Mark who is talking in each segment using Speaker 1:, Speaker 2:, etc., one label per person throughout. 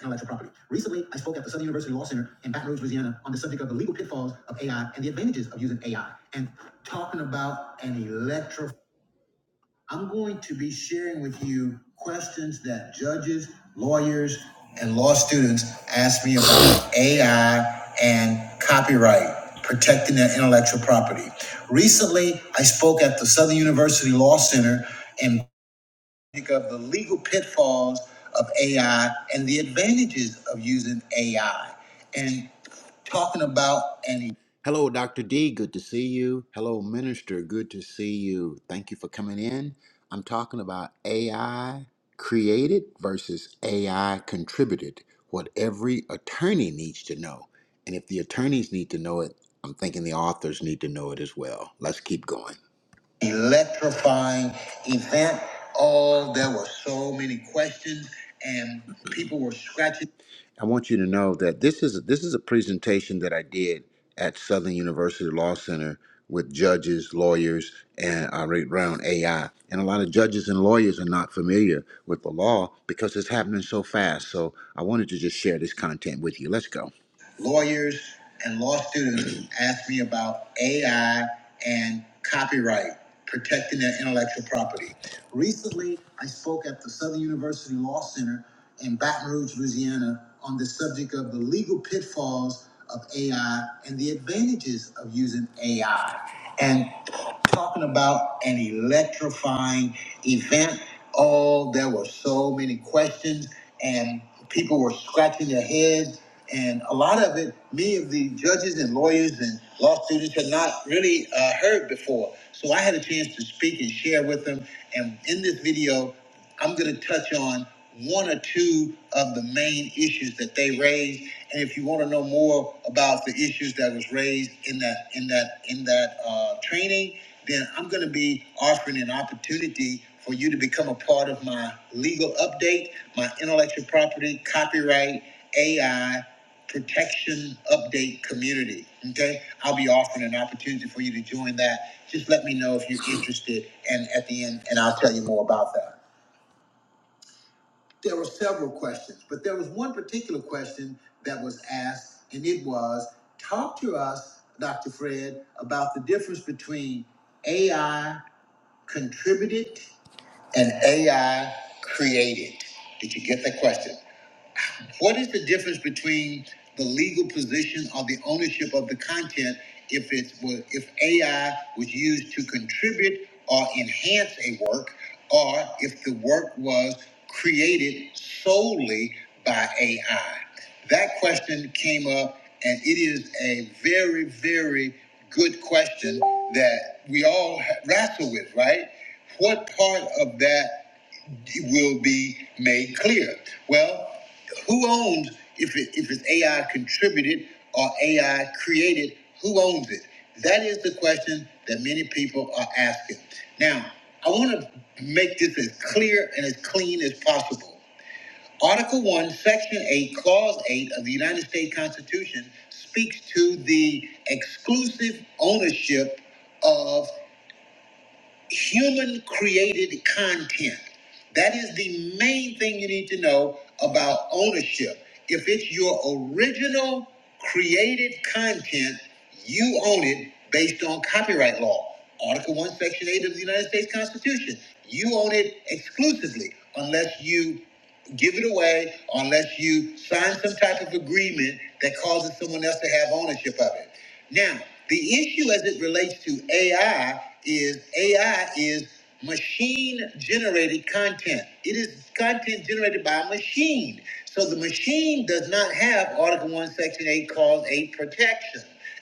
Speaker 1: intellectual property. Recently, I spoke at the Southern University Law Center in Baton Rouge, Louisiana, on the subject of the legal pitfalls of AI and the advantages of using AI. And talking about an electro, I'm going to be sharing with you questions that judges, lawyers, and law students ask me about AI and copyright, protecting their intellectual property. Recently, I spoke at the Southern University Law Center in think of the legal pitfalls of AI and the advantages of using AI and talking about any. Hello, Dr. D. Good to see you. Hello, Minister. Good to see you. Thank you for coming in. I'm talking about AI created versus AI contributed, what every attorney needs to know. And if the attorneys need to know it, I'm thinking the authors need to know it as well. Let's keep going electrifying event. All there were so many questions, and people were scratching. I want you to know that this is this is a presentation that I did at Southern University Law Center with judges, lawyers, and I read around AI. And a lot of judges and lawyers are not familiar with the law because it's happening so fast. So I wanted to just share this content with you. Let's go lawyers and law students ask me about AI and copyright, protecting their intellectual property. Recently, I spoke at the Southern University Law Center in Baton Rouge, Louisiana, on the subject of the legal pitfalls of AI and the advantages of using AI. And talking about an electrifying event. Oh, there were so many questions, and people were scratching their heads and a lot of it, many of the judges and lawyers and law students had not really uh, heard before. So I had a chance to speak and share with them. And in this video, I'm going to touch on one or two of the main issues that they raised. And if you want to know more about the issues that was raised in that in that in that uh, training, then I'm going to be offering an opportunity for you to become a part of my legal update, my intellectual property, copyright, AI protection update community. Okay, I'll be offering an opportunity for you to join that. Just let me know if you're interested, and at the end, and I'll tell you more about that. There were several questions, but there was one particular question that was asked, and it was talk to us, Dr. Fred, about the difference between AI contributed and AI created. Did you get that question? What is the difference between the legal position or the ownership of the content if it was if AI was used to contribute or enhance a work, or if the work was created solely by AI? That question came up, and it is a very, very good question that we all wrestle with, right? What part of that? will be made clear. Well, who owns if it, if it's AI contributed or AI created? Who owns it? That is the question that many people are asking. Now, I want to make this as clear and as clean as possible. Article 1, Section 8, Clause 8 of the United States Constitution speaks to the exclusive ownership of human created content. That is the main thing you need to know about ownership. If it's your original created content, you own it based on copyright law. Article 1, Section 8 of the United States Constitution. You own it exclusively unless you give it away unless you sign some type of agreement that causes someone else to have ownership of it. Now, the issue as it relates to AI is AI is machine generated content. It is content generated by a machine. So the machine does not have Article 1, Section 8, Clause 8 protection.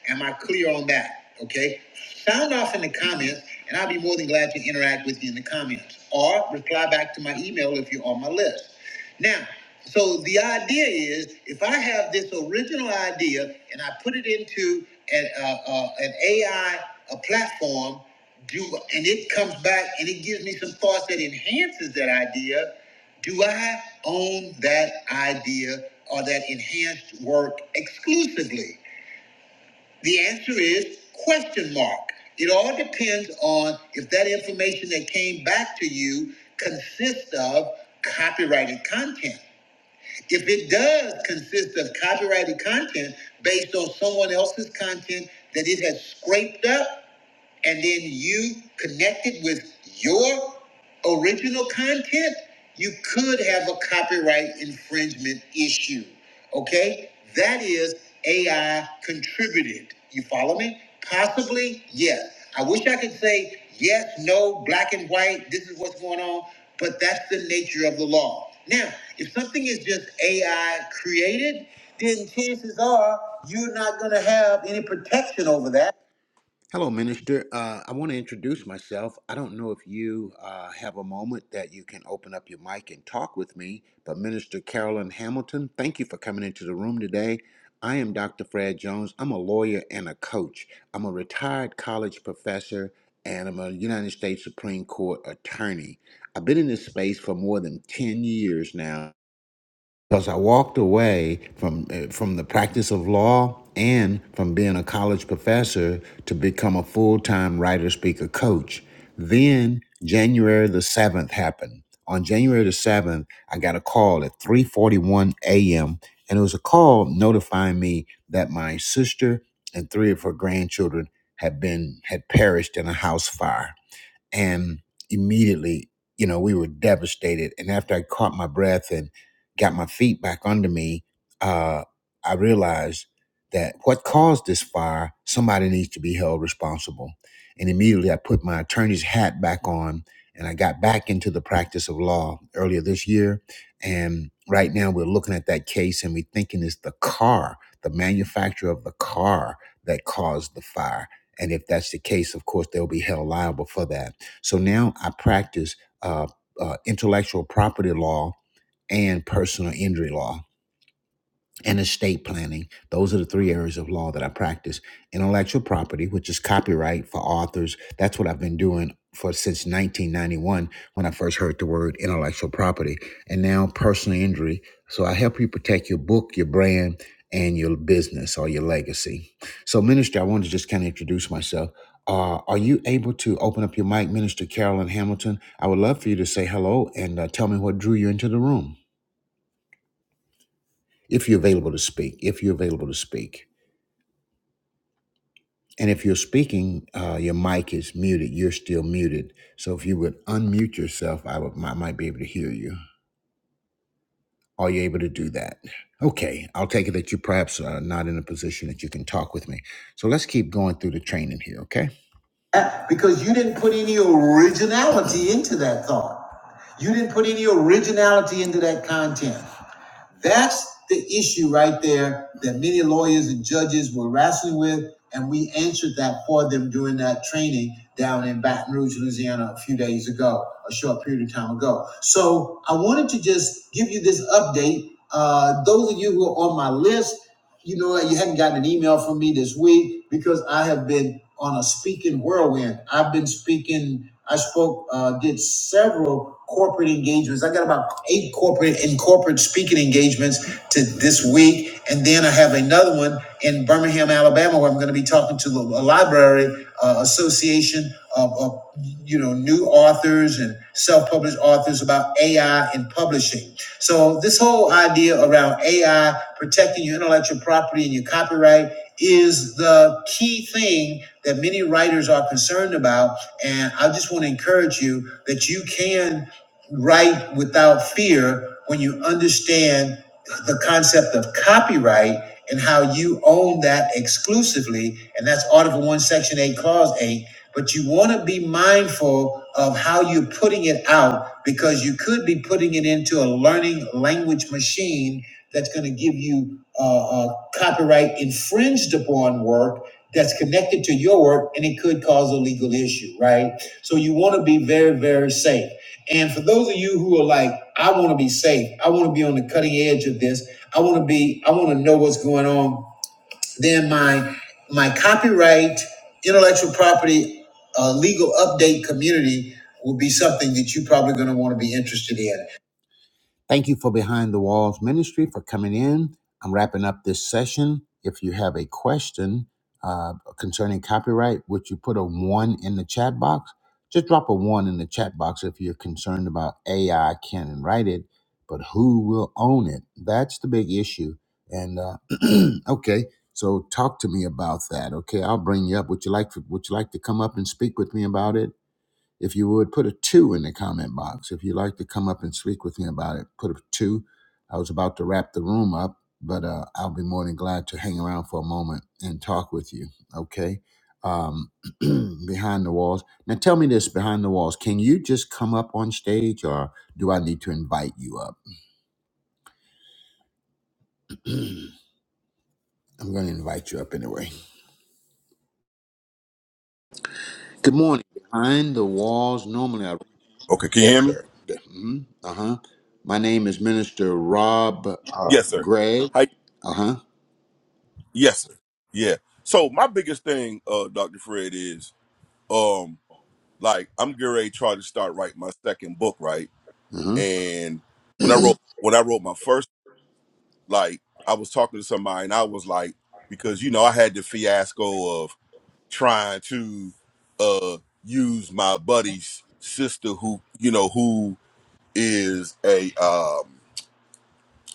Speaker 1: Am I clear on that? Okay. Sound off in the comments, and I'll be more than glad to interact with you in the comments. Or reply back to my email if you're on my list. Now, so the idea is if I have this original idea and I put it into an, uh, uh, an AI a platform, do and it comes back and it gives me some thoughts that enhances that idea, do I own that idea or that enhanced work exclusively? The answer is question mark. It all depends on if that information that came back to you consists of copyrighted content. If it does consist of copyrighted content based on someone else's content that it has scraped up, and then you connected with your original content, you could have a copyright infringement issue. Okay? That is AI contributed. You follow me? Possibly, yes. I wish I could say yes, no, black and white, this is what's going on, but that's the nature of the law. Now, if something is just AI created, then chances are you're not going to have any protection over that Hello, Minister. Uh, I want to introduce myself. I don't know if you uh, have a moment that you can open up your mic and talk with me, but Minister Carolyn Hamilton, thank you for coming into the room today. I am Dr. Fred Jones. I'm a lawyer and a coach. I'm a retired college professor and I'm a United States Supreme Court attorney. I've been in this space for more than 10 years now because I walked away from eh, from the practice of law and from being a college professor to become a full-time writer speaker coach. Then January the 7th happened. On January the 7th, I got a call at 3:41 a.m. and it was a call notifying me that my sister and three of her grandchildren had been had perished in a house fire and immediately you know we were devastated and after i caught my breath and got my feet back under me uh, i realized that what caused this fire somebody needs to be held responsible and immediately i put my attorney's hat back on and i got back into the practice of law earlier this year and right now we're looking at that case and we're thinking it's the car the manufacturer of the car that caused the fire and if that's the case of course they'll be held liable for that so now I practice uh, uh, intellectual property law and personal injury law and estate planning. Those are the three areas of law that I practice. Intellectual property, which is copyright for authors. That's what I've been doing for since 1991 when I first heard the word intellectual property. And now personal injury. So I help you protect your book, your brand, and your business or your legacy. So, Minister, I wanted to just kind of introduce myself. Uh, are you able to open up your mic, Minister Carolyn Hamilton? I would love for you to say hello and uh, tell me what drew you into the room. If you're available to speak, if you're available to speak. And if you're speaking, uh, your mic is muted. You're still muted. So if you would unmute yourself, I, would, I might be able to hear you. Are you able to do that? Okay, I'll take it that you perhaps are not in a position that you can talk with me. So let's keep going through the training here, okay? Uh, Because you didn't put any originality into that thought. You didn't put any originality into that content. That's the issue right there that many lawyers and judges were wrestling with, and we answered that for them during that training down in Baton Rouge, Louisiana, a few days ago, a short period of time ago. So I wanted to just give you this update. Uh, those of you who are on my list, you know what? You hadn't gotten an email from me this week because I have been on a speaking whirlwind. I've been speaking. I spoke, uh, did several corporate engagements. I got about eight corporate and corporate speaking engagements to this week, and then I have another one in Birmingham, Alabama, where I'm going to be talking to the- a library uh, association of, of you know new authors and self-published authors about AI and publishing. So this whole idea around AI protecting your intellectual property and your copyright is the key thing that many writers are concerned about. And I just want to encourage you that you can right without fear when you understand the concept of copyright and how you own that exclusively. And that's Article 1, Section 8, Clause 8. But you want to be mindful of how you're putting it out because you could be putting it into a learning language machine that's going to give you uh, uh, copyright infringed upon work that's connected to your work and it could cause a legal issue, right? So you want to be very, very safe. And for those of you who are like, I want to be safe. I want to be on the cutting edge of this. I want to be, I want to know what's going on. Then my my copyright, intellectual property, uh, legal update community will be something that you're probably going to want to be interested in. Thank you for Behind the Walls Ministry for coming in. I'm wrapping up this session. If you have a question uh, concerning copyright, would you put a one in the chat box? Just drop a one in the chat box if you're concerned about AI can write it, but who will own it? That's the big issue. And uh, okay, so talk to me about that. Okay, I'll bring you up. Would you like to, Would you like to come up and speak with me about it? If you would put a two in the comment box, if you'd like to come up and speak with me about it, put a two. I was about to wrap the room up, but uh, I'll be more than glad to hang around for a moment and talk with you. Okay. Um, behind the walls. Now tell me this behind the walls. Can you just come up on stage or do I need to invite you up? I'm going to invite you up anyway. Good morning. Behind the walls. Normally, I
Speaker 2: Okay, can you
Speaker 1: Yes,
Speaker 2: hear me?
Speaker 1: sir. hmm Uh huh. My name is Minister Rob uh,
Speaker 2: Yes, sir.
Speaker 1: Gregg.
Speaker 2: Hi.
Speaker 1: Uh huh.
Speaker 2: Yes, sir. Yeah. So my biggest thing, uh, Dr. Fred, is um like I'm getting ready to try to start writing my second book, right?
Speaker 1: Uh huh.
Speaker 2: And when I wrote when I wrote my first, like I was talking to somebody and I was like, because you know, I had the fiasco of trying to uh use my buddy's sister who, you know, who is a um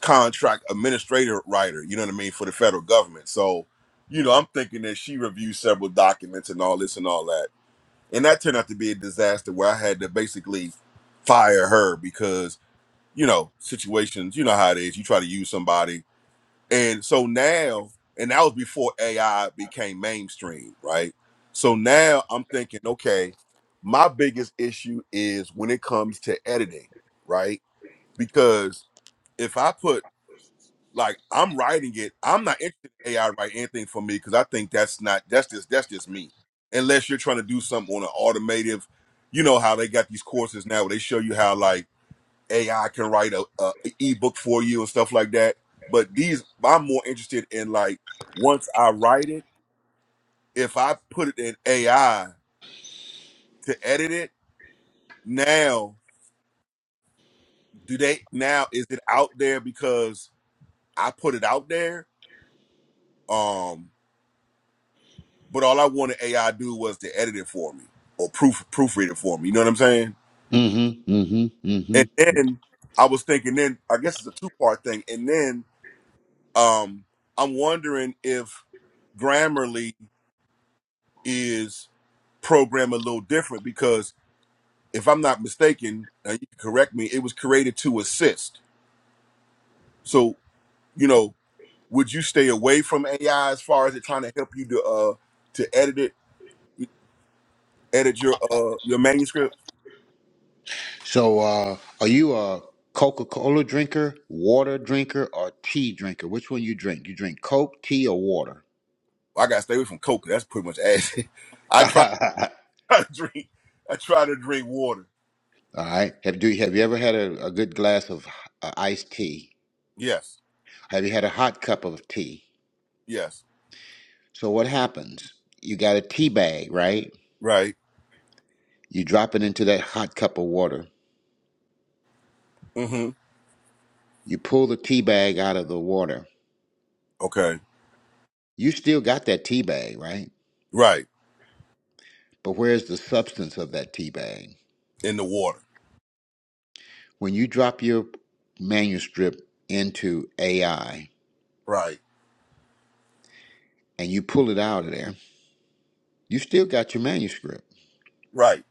Speaker 2: contract administrator writer, you know what I mean, for the federal government. So, you know, I'm thinking that she reviewed several documents and all this and all that. And that turned out to be a disaster where I had to basically fire her because, you know, situations, you know how it is. You try to use somebody. And so now, and that was before AI became mainstream, right? So now I'm thinking, okay, my biggest issue is when it comes to editing, right? Because if I put like I'm writing it. I'm not interested in AI to write anything for me because I think that's not that's just that's just me. Unless you're trying to do something on an automative, you know how they got these courses now where they show you how like AI can write a, a, a ebook for you and stuff like that. But these I'm more interested in like once I write it, if I put it in AI to edit it, now do they now is it out there because I put it out there? Um but all I wanted AI to do was to edit it for me or proof proofread it for me. You know what I'm saying?
Speaker 1: Mm-hmm. Mm-hmm. Mm-hmm.
Speaker 2: And then I was thinking, then I guess it's a two part thing. And then um, I'm wondering if Grammarly is programmed a little different because if I'm not mistaken, and you can correct me, it was created to assist. So you know, would you stay away from AI as far as it trying to help you to uh to edit it, edit your uh your manuscript?
Speaker 1: So, uh, are you a Coca-Cola drinker, water drinker, or tea drinker? Which one you drink? You drink Coke, tea, or water?
Speaker 2: Well, I gotta stay away from Coca. That's pretty much ass. I
Speaker 1: All
Speaker 2: tried. I drink. I try to drink water.
Speaker 1: right. Have do have you ever had a, a good glass of uh, iced tea?
Speaker 2: Yes.
Speaker 1: Have you had a hot cup of tea?
Speaker 2: Yes.
Speaker 1: So what happens? You got a tea bag, right?
Speaker 2: Right.
Speaker 1: You drop it into that hot cup of water.
Speaker 2: Mm-hmm.
Speaker 1: You pull the tea bag out of the water.
Speaker 2: Okay.
Speaker 1: You still got that tea bag, right?
Speaker 2: Right.
Speaker 1: But where's the substance of that tea bag?
Speaker 2: In the water.
Speaker 1: When you drop your manuscript into AI
Speaker 2: Right.
Speaker 1: and you pull it out of there, you still got your manuscript,
Speaker 2: Right.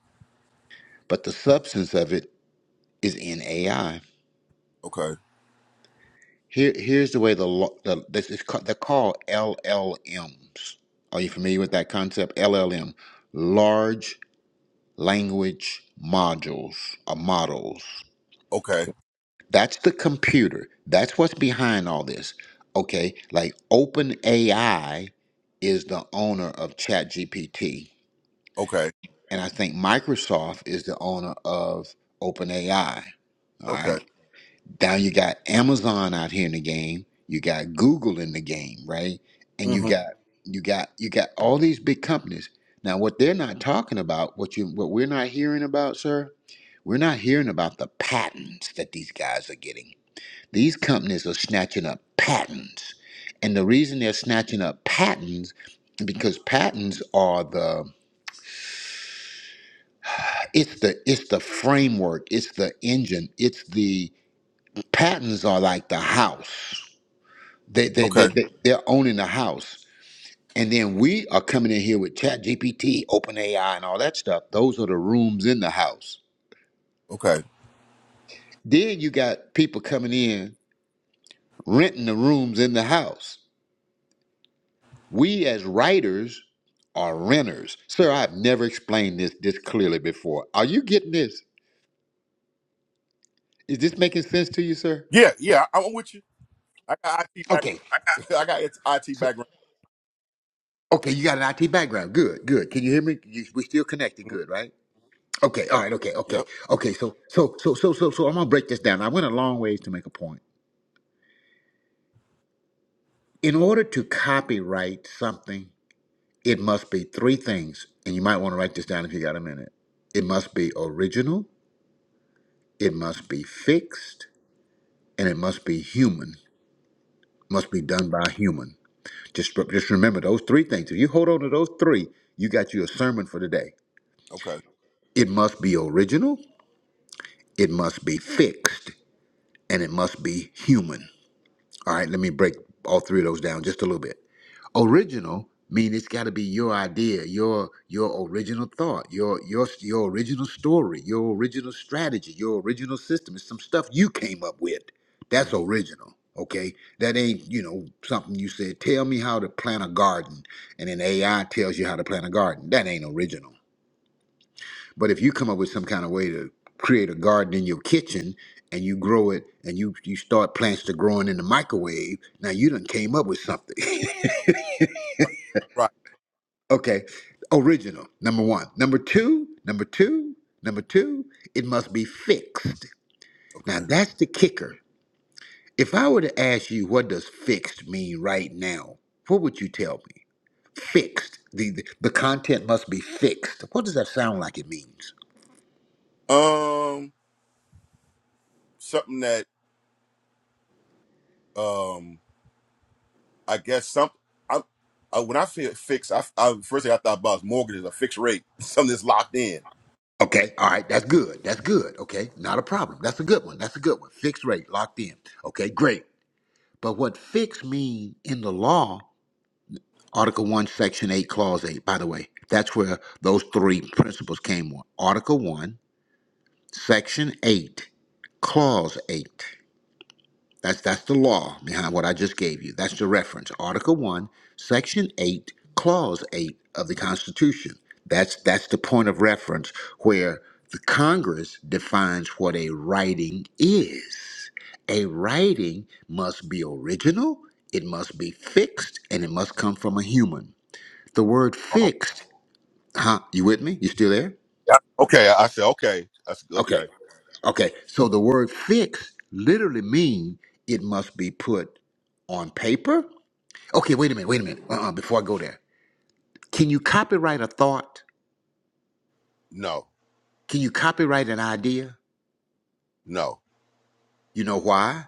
Speaker 1: but the substance of it is in AI.
Speaker 2: Okay.
Speaker 1: Here, here's the way the, lo- the this is called, they're called LLMs. Are you familiar with that concept? LLM, large language modules or models.
Speaker 2: Okay.
Speaker 1: That's the computer. That's what's behind all this. Okay, like OpenAI is the owner of ChatGPT,
Speaker 2: Okay.
Speaker 1: and I think Microsoft is the owner of OpenAI. All
Speaker 2: Okay.
Speaker 1: right, now you got Amazon out here in the game. You got Google in the game, right? And you
Speaker 2: Mm-hmm.
Speaker 1: got you got you got all these big companies. Now, what they're not talking about, what you what we're not hearing about, sir, we're not hearing about the patents that these guys are getting these companies are snatching up patents. And the reason they're snatching up patents because patents are the it's the it's the framework, it's the engine, it's the patents are like the house. They they they,
Speaker 2: Okay.
Speaker 1: they they're owning the house. And then we are coming in here with Chat GPT, Open AI, and all that stuff. Those are the rooms in the house.
Speaker 2: Okay.
Speaker 1: Then you got people coming in renting the rooms in the house We as writers are renters. Sir, I've never explained this this clearly before. Are you getting this? Is this making sense to you, sir?
Speaker 2: Yeah. Yeah. I- I'm with you. I got IT background.
Speaker 1: Okay.
Speaker 2: I got IT
Speaker 1: So,
Speaker 2: background.
Speaker 1: okay, you got an IT background. Good, good. Can you hear me? You, we still connected.
Speaker 2: Mhm.
Speaker 1: Good, right? Okay, all right, okay, okay,
Speaker 2: Yep.
Speaker 1: okay. So, so, so, so, so, so, I'm gonna break this down. I went a long ways to make a point. In order to copyright something, it must be three things, and you might want to write this down if you got a minute. It must be original, it must be fixed, and it must be human. must be done by a human. Just, just remember those three things. If you hold on to those three, you got you a sermon for today.
Speaker 2: Okay.
Speaker 1: It must be original, it must be fixed, and it must be human. All right, let me break all three of those down just a little bit. original mean it's got to be your idea your your original thought your your your original story your original strategy your original system it's some stuff you came up with that's
Speaker 2: Mm-hmm.
Speaker 1: original okay that ain't you know something you said tell me how to plant a garden and then ai tells you how to plant a garden that ain't original but if you come up with some kind of way to create a garden in your kitchen and you grow it and you you start plants to growing in the microwave now you done came up with something
Speaker 2: Right. Right.
Speaker 1: Okay, original, number one. Number two, number two, number two, it must be fixed. Now
Speaker 2: Okay.
Speaker 1: that's the kicker. If I were to ask you, what does fixed mean right now? What would you tell me? Fixed. The, the, the content must be fixed. What does that sound like it means?
Speaker 2: Um, something that um, I guess some I, I when I feel fixed, I, I first thing I thought about was mortgages, a fixed rate, something that's locked in.
Speaker 1: Okay, all right, that's good. That's good. Okay, not a problem. That's a good one. That's a good one. Fixed rate, locked in. Okay, great. But what fixed mean in the law Article 1, Section 8, Clause 8, by the way. That's where those three principles came from. Article 1, Section 8, Clause 8. That's, that's the law behind what I just gave you. That's the reference. Article 1, Section 8, Clause 8 of the Constitution. That's, that's the point of reference where the Congress defines what a writing is. A writing must be original, it must be fixed, and it must come from a human. The word fixed, huh? You with me? You still there?
Speaker 2: Yeah. Okay. I said, okay. I said,
Speaker 1: Okay.
Speaker 2: okay.
Speaker 1: Okay. So the word fixed literally means it must be put on paper. Okay, wait a minute, wait a minute. Uh-uh, before I go there. Can you copyright a thought?
Speaker 2: No,
Speaker 1: Can you copyright an idea?
Speaker 2: no,
Speaker 1: You know why?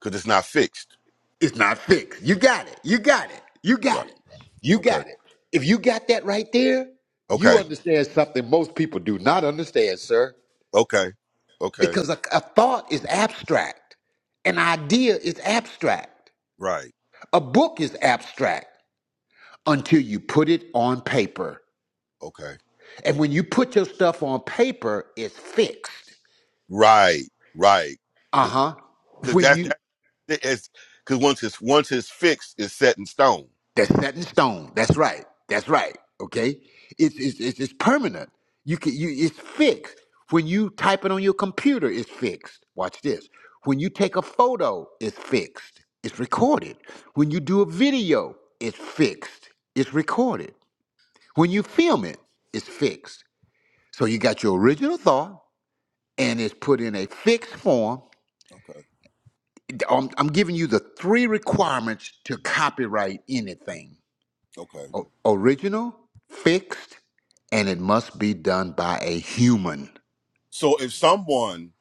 Speaker 2: because it's not fixed.
Speaker 1: It's not fixed. You got it. You got it. You got
Speaker 2: Right.
Speaker 1: it. You got
Speaker 2: Okay.
Speaker 1: it. If you got that right there, you
Speaker 2: Okay.
Speaker 1: understand something most people do not understand, sir.
Speaker 2: Okay. Okay.
Speaker 1: because a, a thought is abstract, an idea is abstract,
Speaker 2: Right.
Speaker 1: a book is abstract until you put it on paper.
Speaker 2: Okay.
Speaker 1: And when you put your stuff on paper, it's fixed.
Speaker 2: Right. Right.
Speaker 1: Uh
Speaker 2: Because
Speaker 1: huh.
Speaker 2: because
Speaker 1: When
Speaker 2: that's
Speaker 1: you
Speaker 2: that is because once it's once it's fixed, it's set in stone.
Speaker 1: That's set in stone. That's right. That's right. Okay. It's it's it's, it's permanent. You can you it's fixed. When you type it on your computer, it's fixed. Watch this. When you take a photo, it's fixed. It's recorded. When you do a video, it's fixed. It's recorded. When you film it, it's fixed. So you got your original thought and it's put in a fixed form.
Speaker 2: Okay.
Speaker 1: I'm, I'm giving you the three requirements to copyright anything.
Speaker 2: Okay.
Speaker 1: O- original, fixed, and it must be done by a human.
Speaker 2: So if someone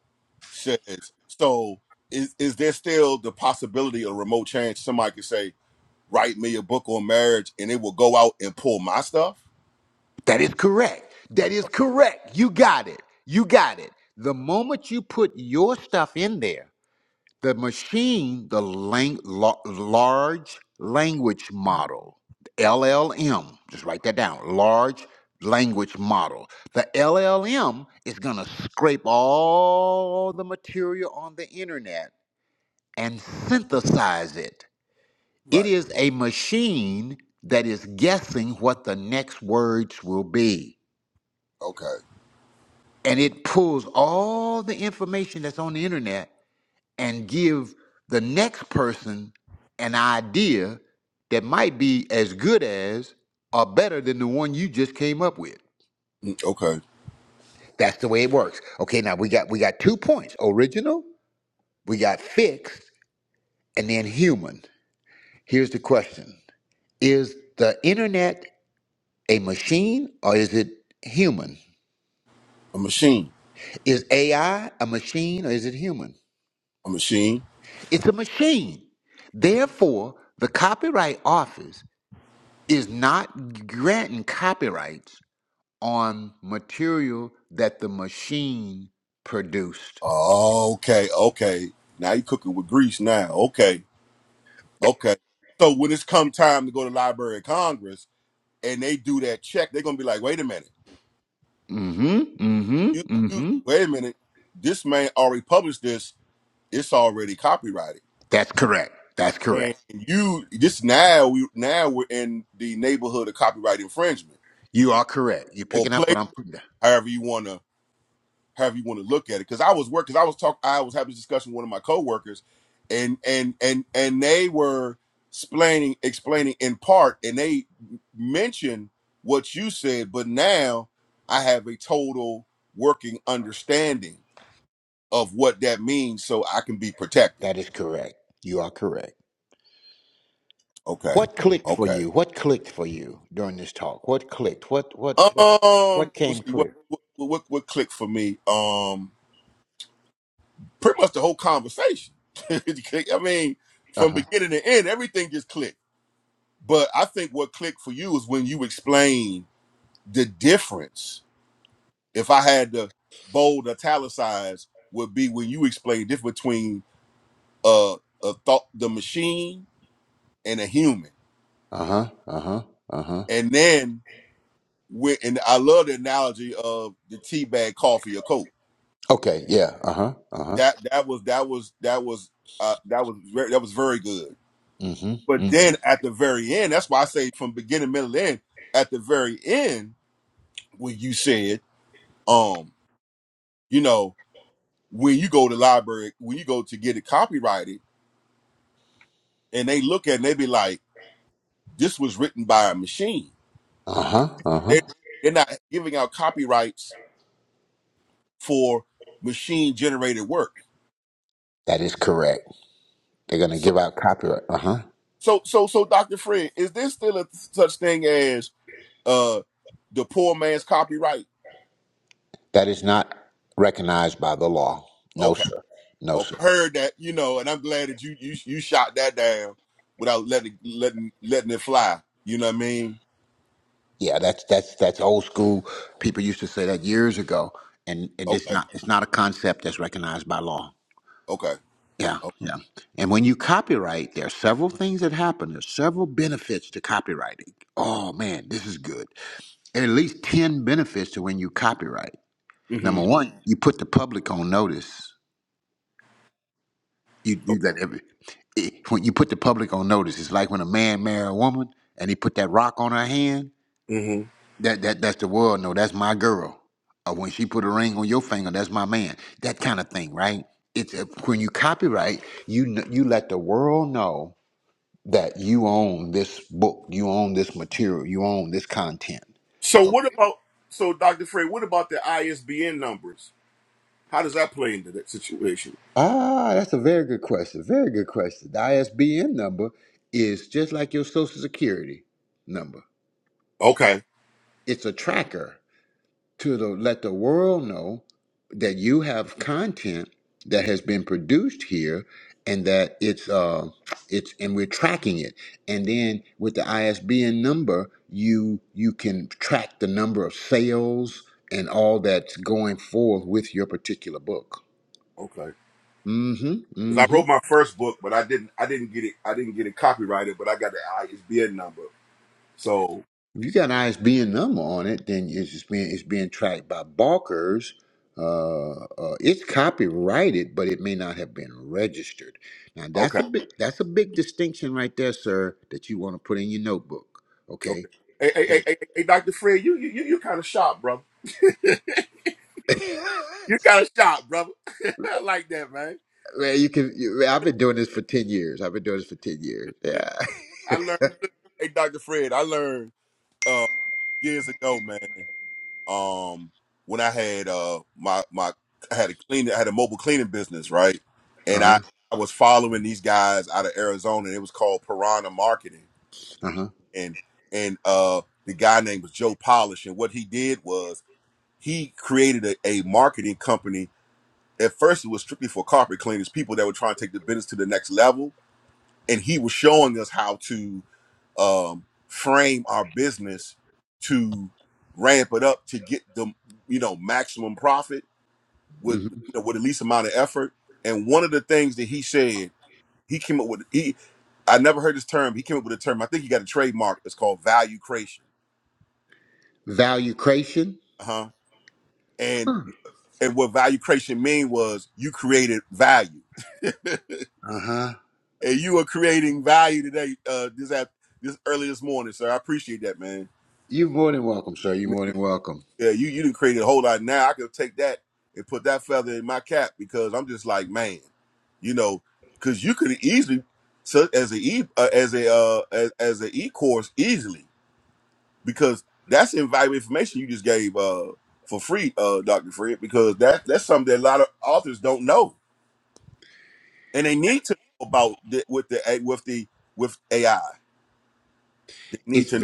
Speaker 2: says, so is is there still the possibility of remote change? Somebody could say, write me a book on marriage, and it will go out and pull my stuff.
Speaker 1: That is correct. That is correct. You got it. You got it. The moment you put your stuff in there, the machine, the lang- la- large language model, LLM, just write that down, large language model. The LLM is going to scrape all the material on the internet and synthesize it It
Speaker 2: Right.
Speaker 1: is a machine that is guessing what the next words will be.
Speaker 2: Okay.
Speaker 1: And it pulls all the information that's on the internet and give the next person an idea that might be as good as or better than the one you just came up with.
Speaker 2: Okay.
Speaker 1: That's the way it works. Okay, now we got we got two points. Original, we got fixed, and then human. Here's the question. Is the internet a machine or is it human?
Speaker 2: A machine.
Speaker 1: Is AI a machine or is it human?
Speaker 2: A machine.
Speaker 1: It's a machine. Therefore, the Copyright Office is not granting copyrights on material that the machine produced.
Speaker 2: Oh, okay, okay. Now you cooking with grease now. Okay, okay. So when it's come time to go to Library of Congress and they do that check, they're gonna be like, wait a minute.
Speaker 1: Mm-hmm.
Speaker 2: You,
Speaker 1: Mm-hmm.
Speaker 2: you
Speaker 1: Mm-hmm.
Speaker 2: wait a minute. This man already published this. It's already copyrighted.
Speaker 1: That's correct. That's
Speaker 2: And
Speaker 1: correct.
Speaker 2: you this now we now we're in the neighborhood of copyright infringement
Speaker 1: You are correct. You're
Speaker 2: or
Speaker 1: picking up
Speaker 2: play
Speaker 1: what I'm putting down.
Speaker 2: however you wanna however you want to look at it. Because I was work, because I was talk, I was having this discussion with one of my coworkers, and and and and they were explaining explaining in part, and they mentioned what you said, but now I have a total working understanding of what that means, so I can be protected.
Speaker 1: That is correct. You are correct.
Speaker 2: Okay,
Speaker 1: What clicked for
Speaker 2: okay.
Speaker 1: you? What clicked for you during this talk? What clicked? What what what,
Speaker 2: Um,
Speaker 1: what came
Speaker 2: let's see what
Speaker 1: clear?
Speaker 2: what what, what clicked for me. Um, pretty much the whole conversation. I mean, from
Speaker 1: Uh-huh.
Speaker 2: beginning to end, everything just clicked But I think what clicked for you is when you explain the difference. If I had to bold italicize, would be when you explain the difference between uh, a thought, the machine, and a human.
Speaker 1: Uh huh. Uh huh. Uh huh.
Speaker 2: And then when, and I love the analogy of the tea bag coffee or coke.
Speaker 1: Okay. Yeah. Uh huh. Uh huh.
Speaker 2: That that was that was that was uh, that was ver- that was very good.
Speaker 1: Mm hmm.
Speaker 2: But
Speaker 1: Mm hmm.
Speaker 2: then at the very end, that's why I say from beginning, middle, end. At the very end, when you said, um, you know. when you go to library, when you go to get it copyrighted, and they look at it and they be like, this was written by a machine.
Speaker 1: Uh huh. Uh huh.
Speaker 2: They they're not giving out copyrights for machine generated work.
Speaker 1: That is correct. They're going to
Speaker 2: So
Speaker 1: give out copyright. Uh huh.
Speaker 2: so so so Dr. Fred, is there still a such thing as uh the poor man's copyright?
Speaker 1: That is not recognized by the law. No,
Speaker 2: Okay.
Speaker 1: sir. No,
Speaker 2: Oh,
Speaker 1: sir.
Speaker 2: heard that, you know, and I'm glad that you you you shot that down without letting letting letting it fly. You know what I mean?
Speaker 1: Yeah, that's that's that's old school. People used to say that years ago, and it is
Speaker 2: Okay.
Speaker 1: not. It's not a concept that's recognized by law.
Speaker 2: Okay.
Speaker 1: Yeah,
Speaker 2: Okay.
Speaker 1: yeah. And when you copyright, there are several things that happen. There's several benefits to copywriting. Oh man, this is good. at least 10 benefits to when you copyright.
Speaker 2: Mm-hmm.
Speaker 1: Number one, you put the public on notice. You do that every, eh, when you put the public on notice, it's like when a man marry a woman and he put that rock on her hand,
Speaker 2: Okay.
Speaker 1: that, that that's the world, no, that's my girl. Or when she put a ring on your finger, that's my man. That kind of thing, right? It's eh, when you copyright, you kn- you let the world know that you own this book, you own this material, you own this content.
Speaker 2: So what about so Dr. Frey, what about the ISBN numbers? How does that play into that situation?
Speaker 1: Ah, that's a very good question. Very good question. The ISBN number is just like your Social Security number.
Speaker 2: Okay.
Speaker 1: It's a tracker to the, let the world know that you have content that has been produced here and that it's uh it's and we're tracking it. And then with the ISBN number, you you can track the number of sales and all that's going forth with your particular book.
Speaker 2: Okay.
Speaker 1: Mm-hmm.
Speaker 2: Because I
Speaker 1: mm-hmm.
Speaker 2: wrote my first book, but I didn't I didn't get it I didn't get it copyrighted, but I got the ISBN number. So
Speaker 1: If you got an ISBN number on it, then it's just being it's being tracked by Barker's. Uh, uh, it's copyrighted, but it may not have been registered. Now that's
Speaker 2: okay,
Speaker 1: a big that's a big distinction right there, sir. That you want to put in your notebook,
Speaker 2: okay.
Speaker 1: okay?
Speaker 2: Hey, hey, hey, hey, hey Dr. Fred, you you you kind of sharp, brother. you kind of sharp, brother. I like that, man.
Speaker 1: Man, you can. You, man, I've been doing this for ten years. I've been doing this for ten years. Yeah.
Speaker 2: I learned hey Dr. Fred, I learned uh years ago, man. um when I had uh my my I had a clean I had a mobile cleaning business, right?
Speaker 1: Uh
Speaker 2: And
Speaker 1: huh.
Speaker 2: I I was following these guys out of Arizona and it was called Piranha Marketing.
Speaker 1: Uh huh.
Speaker 2: And and uh the guy named was Joe Polish and what he did was he created a, a marketing company. At first it was strictly for carpet cleaners, people that were trying to take the business to the next level. And he was showing us how to um frame our business to ramp it up to get the you know maximum profit with
Speaker 1: hmm
Speaker 2: you know with the least amount of effort. And one of the things that he said, he came up with he I never heard this term. He came up with a term. I think he got a trademark. It's called value creation.
Speaker 1: Value creation.
Speaker 2: Uh huh. And
Speaker 1: Uh
Speaker 2: and what value creation mean was you created value, and
Speaker 1: huh.
Speaker 2: you are creating value today. Uh, this app this early this morning, sir. I appreciate that, man.
Speaker 1: You're more than welcome, sir. You're
Speaker 2: Man,
Speaker 1: more than welcome.
Speaker 2: Yeah, you you didn't create a whole lot. Now I could take that and put that feather in my cap because I'm just like man. you know, because you could easily so as a e uh, as a uh as, as an e course easily because that's invaluable information you just gave uh for free uh Dr. Fred because that that's something that a lot of authors don't know and they need to know about the, with the A- with the with AI they need
Speaker 1: It's.
Speaker 2: to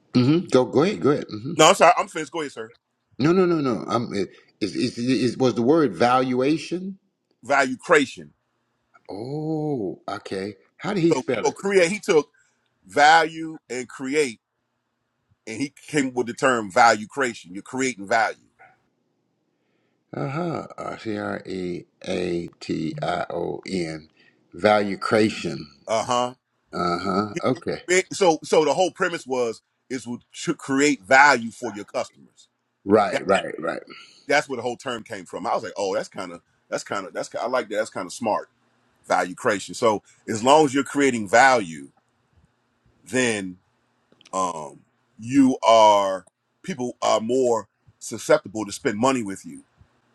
Speaker 1: Mm-hmm. Go. Go ahead. Go ahead. Mm-hmm.
Speaker 2: no I'm sorry I'm finished go ahead sir
Speaker 1: No, no, no, no. I'm. It, is, is, is, was the word valuation?
Speaker 2: value creation
Speaker 1: Oh, okay. How did he
Speaker 2: so
Speaker 1: spell
Speaker 2: so
Speaker 1: it?
Speaker 2: create he took value and create and he came with the term value creation you're creating value
Speaker 1: Uh-huh. Uh huh. C R E A T I O N. Value creation.
Speaker 2: Uh huh.
Speaker 1: Uh huh.
Speaker 2: It-
Speaker 1: Okay.
Speaker 2: it- so so the whole premise was is w- to create value for your customers. That
Speaker 1: Right. Right. Right.
Speaker 2: that's where the whole term came from. I was like, oh, that's kind of that's kind of that's ki- I like that. That's kind of smart value creation. So as long as you're creating value, then um you are people are more susceptible to spend money with you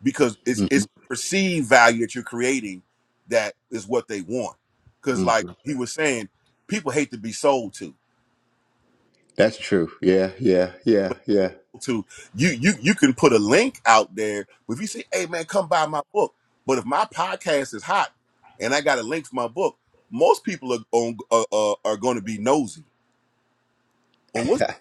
Speaker 2: because it's it's perceived value that you're creating that is what they want. Because
Speaker 1: hmm
Speaker 2: like he was saying, people hate to be sold to.
Speaker 1: That's true. Yeah. Yeah. Yeah. Yeah.
Speaker 2: to you you you can put a link out there if you say hey man come buy my book but if my podcast is hot and i got a link for my book most people are on, are, are going to be nosy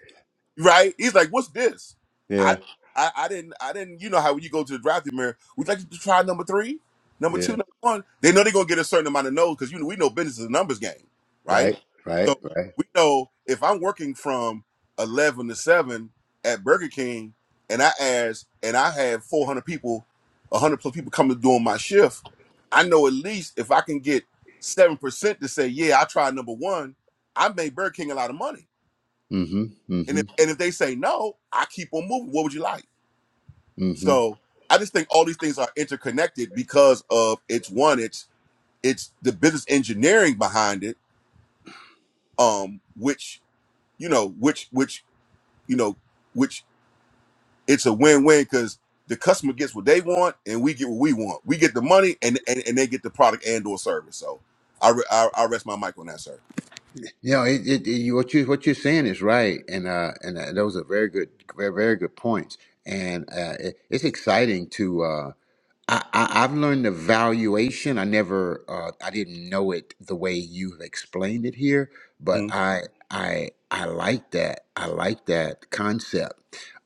Speaker 2: right? He's like, "What's this? I,
Speaker 1: yeah.
Speaker 2: I, I didn't, I didn't. You know how when you go to the drive drafting mirror, we'd like you like to try number three, number
Speaker 1: Yeah.
Speaker 2: two, number one. They know they're gonna get a certain amount of no's because you know we know business is a numbers game, right?
Speaker 1: Right. Right.
Speaker 2: So
Speaker 1: Right.
Speaker 2: we know if I'm working from eleven to seven at Burger King, and I ask, and I have four hundred people, hundred plus people coming doing my shift, I know at least if I can get seven percent to say, yeah, I tried number one, I made Burger King a lot of money
Speaker 1: Mm hmm.
Speaker 2: and if
Speaker 1: Mm
Speaker 2: and if they say no, I keep on moving. What would you like?
Speaker 1: hmm.
Speaker 2: So I just think all these things are interconnected because of it's one, it's it's the business engineering behind it, um, which you know, which which you know, which it's a win-win because the customer gets what they want and we get what we want. We get the money and and, and they get the product and or service. So I re- I, I rest my mic on that, sir.
Speaker 1: You know, it, it, it- you, what you what you're saying is right, and uh, and uh, those are very good, very, very good points. And uh, it, it's exciting to uh, I, I, I've learned the valuation. I never uh, I didn't know it the way you've explained it here, but
Speaker 2: Mhm.
Speaker 1: I I I like that. I like that concept.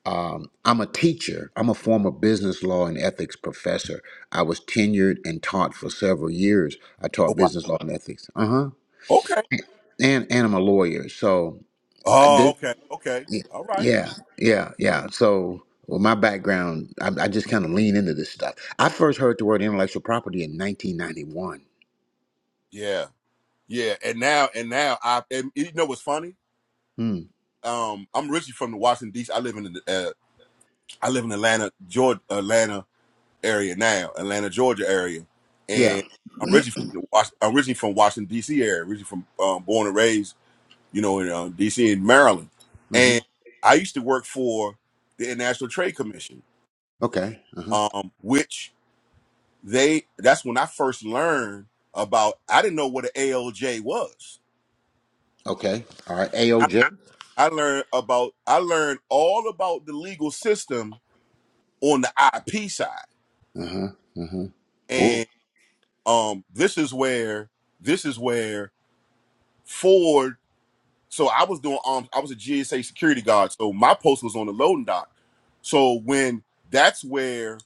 Speaker 1: Um, I'm a teacher. I'm a former business law and ethics professor. I was tenured and taught for several years. I
Speaker 2: Oh
Speaker 1: taught
Speaker 2: wow.
Speaker 1: business law and ethics. Uh huh
Speaker 2: Okay.
Speaker 1: and and I'm a lawyer. So I
Speaker 2: Oh,
Speaker 1: did,
Speaker 2: okay. Okay. All right.
Speaker 1: yeah, yeah, yeah. yeah. So well, my background, I, I just kind of lean into this stuff. I first heard the word intellectual property in 1991.
Speaker 2: Yeah. Yeah, and now and now I and you know what's funny?
Speaker 1: Hmm.
Speaker 2: Um, I'm originally from the Washington D.C. I live in uh, I live in Atlanta, Georgia, Atlanta area now, Atlanta, Georgia area,
Speaker 1: Yeah.
Speaker 2: and I'm originally from the Was- I'm originally from Washington D.C. area, originally from um, born and raised, you know, in um, D.C. in Maryland,
Speaker 1: Mm-hmm.
Speaker 2: and I used to work for the International Trade Commission,
Speaker 1: Okay. Uh huh.
Speaker 2: um, which they that's when I first learned about. I didn't know what an ALJ was.
Speaker 1: Okay. All right. AOJ.
Speaker 2: I learned about I learned all about the legal system on the IP side.
Speaker 1: Uh huh. Uh huh. Oh.
Speaker 2: And um this is where this is where Ford so I was doing um I was a GSA security guard, so my post was on the loading dock. So when that's where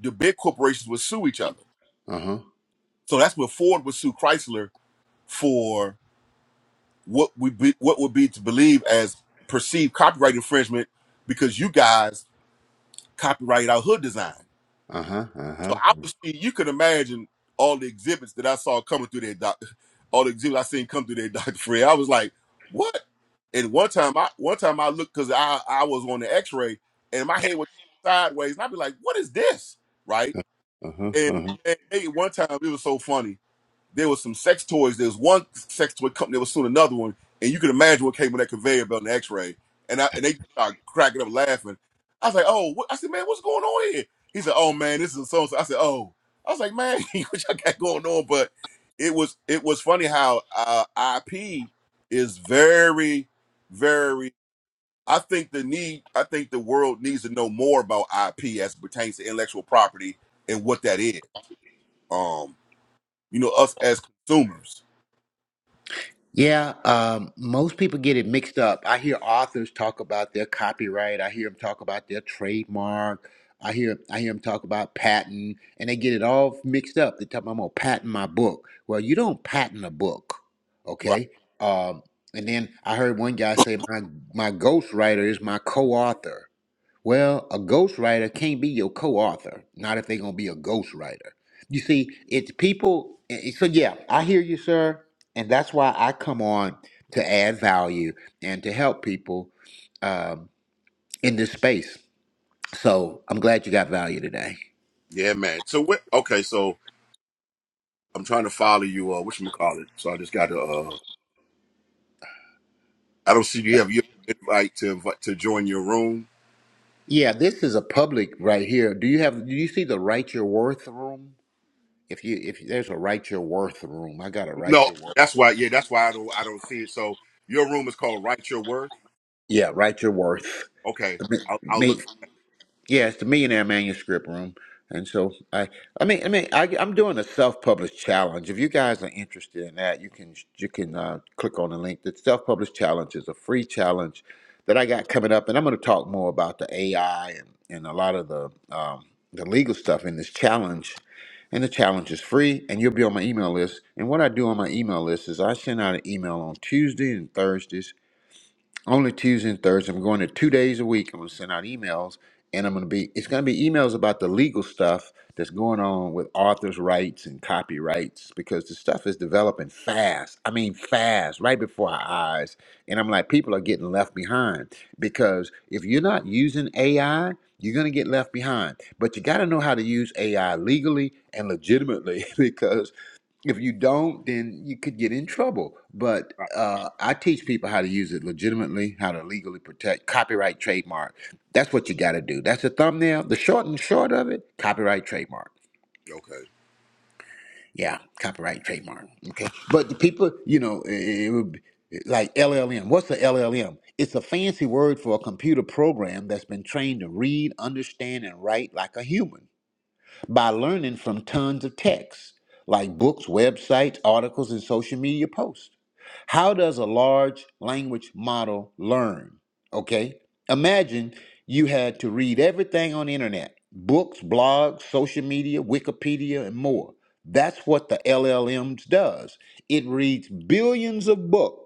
Speaker 2: the big corporations would sue each other.
Speaker 1: Uh huh.
Speaker 2: So that's where Ford would sue Chrysler for what would be what would be to believe as perceived copyright infringement because you guys copyrighted our hood design.
Speaker 1: Uh huh. Uh
Speaker 2: So I was, you could imagine all the exhibits that I saw coming through there, doc, all the exhibits I seen come through there, Dr. Fred. I was like, what? And one time I, one time I looked cause I, I was on the x-ray and my head was sideways and I'd be like, what is this? Right.
Speaker 1: huh. Uh
Speaker 2: And
Speaker 1: huh.
Speaker 2: man, hey, one time it was so funny there was some sex toys. There was one sex toy company. There was soon another one, and you can imagine what came on that conveyor belt and X-ray. And I and they started cracking up laughing. I was like, "Oh," what? I said, "Man, what's going on here?" He said, "Oh man, this is so." I said, "Oh," I was like, "Man, what y'all got going on?" But it was it was funny how uh, IP is very, very. I think the need. I think the world needs to know more about IP as it pertains to intellectual property and what that is. Um, you know, us as consumers
Speaker 1: Yeah, um, most people get it mixed up. I hear authors talk about their copyright. I hear them talk about their trademark. I hear I hear them talk about patent, and they get it all mixed up. They talk about I'm gonna patent my book. Well, you don't patent a book, okay? Um, and then I heard one guy say my my ghostwriter is my co-author. Well, a ghostwriter can't be your co-author, not if they're gonna be a ghostwriter. You see, it's people. i- So yeah, I hear you, sir, and that's why I come on to add value and to help people um, in this space. So I'm glad you got value today.
Speaker 2: Yeah, man. So what? Okay, so I'm trying to follow you. Uh, which call it? So I just got to. Uh, I don't see do you have your invite to invite to join your room.
Speaker 1: Yeah, this is a public right here. Do you have? Do you see the Write Your Worth room? If you if there's a Write Your Worth room, I got a Write
Speaker 2: No,
Speaker 1: Your Worth.
Speaker 2: that's why. Yeah, that's why I don't. I don't see it. So your room is called Write Your Worth.
Speaker 1: Yeah, Write Your Worth.
Speaker 2: Okay,
Speaker 1: Me,
Speaker 2: I'll, I'll look
Speaker 1: me- Yeah, it's the Millionaire Manuscript Room. And so I, I mean, I mean, I, I'm doing a self-published challenge. If you guys are interested in that, you can you can uh, click on the link. The self-published challenge is a free challenge that I got coming up, and I'm going to talk more about the AI and, and a lot of the um, the legal stuff in this challenge. And the challenge is free, and you'll be on my email list. And what I do on my email list is I send out an email on Tuesday and Thursdays only Tuesday and Thursday. I'm going to two days a week. I'm going to send out emails, and I'm going to be. It's going to be emails about the legal stuff that's going on with authors' rights and copyrights because the stuff is developing fast. I mean, fast, right before our eyes. And I'm like, people are getting left behind because if you're not using AI. You're gonna get left behind, but you gotta know how to use AI legally and legitimately because if you don't, then you could get in trouble. But
Speaker 2: for. it.
Speaker 1: uh, I teach people how to use it legitimately, how to legally protect copyright, trademark. That's what you got to do. That's the thumbnail. The short and short of it: copyright, trademark.
Speaker 2: Okay.
Speaker 1: Yeah, copyright, trademark. Okay, but the people, you know, it, it would be like LLM. What's the LLM? It's a fancy word for a computer program that's been trained to read, understand, and write like a human by learning from tons of texts like books, websites, articles, and social media posts. How does a large language model learn? Okay, imagine you had to read everything on the internet books, blogs, social media, Wikipedia, and more. That's what the LLMs does. It reads billions of books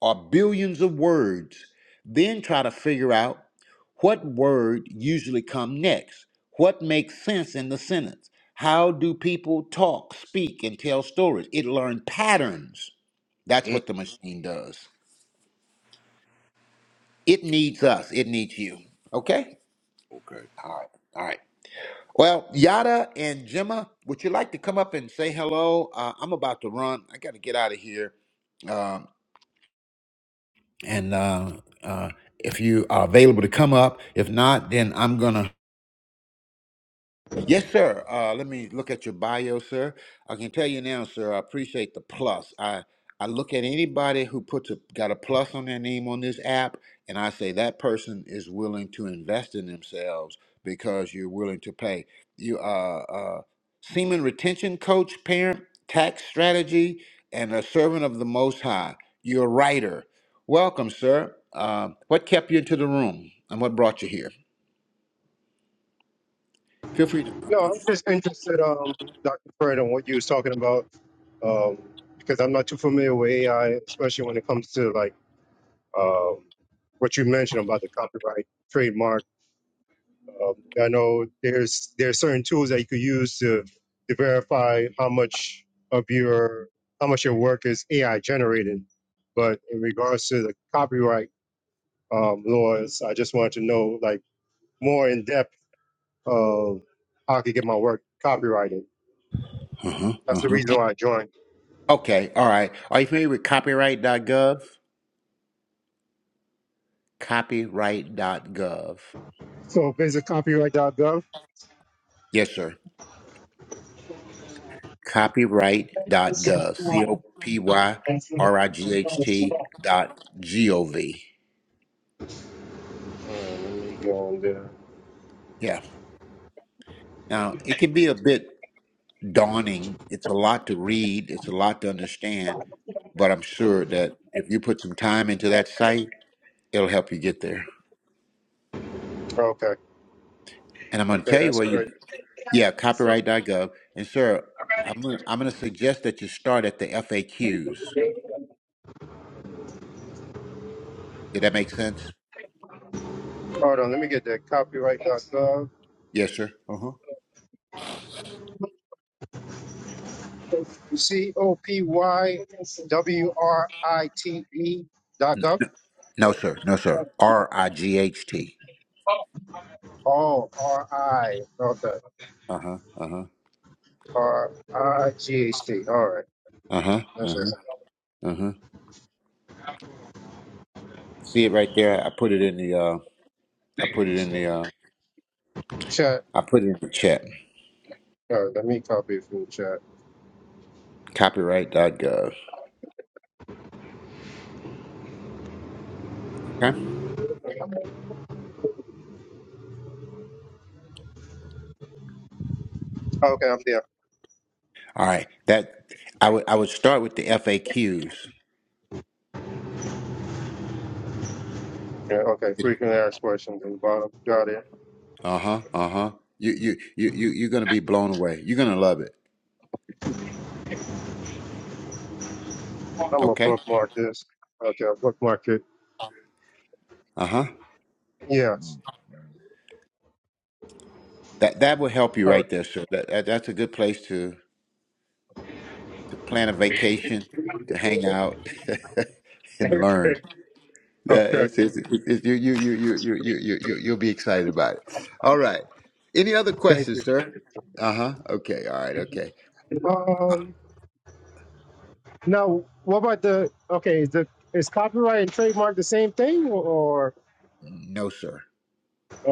Speaker 1: or billions of words, then try to figure out what word usually come next, what makes sense in the sentence. How do people talk, speak, and tell stories? It learned patterns. That's
Speaker 2: Mm,
Speaker 1: what the machine does. It needs us. It needs you. Okay?
Speaker 2: okay.
Speaker 1: All right. All right. Well, Yada and Gemma, would you like to come up and say hello? Uh, I'm about to run. I got to get out of here. Um, and uh, uh, if you are available to come up, if not, then I'm gonna Yes, sir. Uh, let me look at your bio, sir. I can tell you now, sir. I appreciate the plus. I I look at anybody who puts a got a plus on their name on this app, and I say that person is willing to invest in themselves because you're willing to pay. You uh, uh, semen retention coach, parent tax strategy, and a servant of the Most High. You're a writer. Welcome, sir. Uh, what kept you into the room, and what brought you here? Feel free to unmute
Speaker 3: No, I'm
Speaker 1: yourself.
Speaker 3: just interested, um, Dr. Fred, on what you was talking about, um, because I'm not too familiar with AI, especially when it comes to like um, what you mentioned about the copyright trademark. Um, I know there's there are certain tools that you could use to to verify how much of your how much your work is AI generated, but in regards to the copyright um, laws, I just wanted to know like more in depth of how I could get my work copyrighted
Speaker 1: Uh-huh,
Speaker 3: That's
Speaker 1: uh-huh.
Speaker 3: the reason why I joined.
Speaker 1: Okay, all right. Are you familiar with copyright Copyright dot gov? copyright dot gov.
Speaker 3: So visit copyright.gov.
Speaker 1: Yes, sir. Copyright dot gov. C o p y R I G H T dot G O V.
Speaker 3: And let me go on there.
Speaker 1: Yeah. Now, it can be a bit daunting. It's a lot to read, it's a lot to understand, but I'm sure that if you put some time into that site, it'll help you get there.
Speaker 3: Okay.
Speaker 1: And I'm going to
Speaker 3: Okay,
Speaker 1: tell you
Speaker 3: that's
Speaker 1: where you,
Speaker 3: great.
Speaker 1: yeah, copyright dot gov. And, sir, I'm gonna, I'm going to suggest that you start at the FAQs. Did that make sense?
Speaker 3: Hold on, let me get that copyright.gov.
Speaker 1: Yes, sir. Uh huh.
Speaker 3: C O P Y W R I T E dot gov.
Speaker 1: No, sir. No, sir. R I G H T.
Speaker 3: Oh, R I. Okay.
Speaker 1: Uh huh. Uh huh.
Speaker 3: R I G H T. All right.
Speaker 1: Uh huh. Uh
Speaker 3: That's right.
Speaker 1: huh. Uh huh. See it right there. I put it in the. uh I put it in the. uh
Speaker 3: Chat.
Speaker 1: I put it in the chat.
Speaker 3: Uh, let me copy it from the chat.
Speaker 1: Copyright. dot Gov. Okay.
Speaker 3: Okay, I'm there.
Speaker 1: All right. That I would. I would start with the FAQs.
Speaker 3: Yeah, okay. Frequently asked questions on the bottom. Got it.
Speaker 1: Uh huh. Uh huh. You you you you you're gonna be blown away. You're gonna love it.
Speaker 3: I'm going to
Speaker 1: Okay.
Speaker 3: bookmark this. Okay, I'll bookmark it.
Speaker 1: Uh huh.
Speaker 3: Yes.
Speaker 1: That that will help you right there, sir. That, that that's a good place to. to plan a vacation, to hang out and learn. That-
Speaker 3: Okay.
Speaker 1: It's, it's, it's, you, you, you, you, you, you, you, you- you'll be excited about it. All right. Any other
Speaker 3: Thank
Speaker 1: questions,
Speaker 3: you.
Speaker 1: sir? Uh huh. Okay. All right. Okay.
Speaker 3: Um, now, what about the okay? Is the is copyright and trademark the same thing, or, or
Speaker 1: No, sir.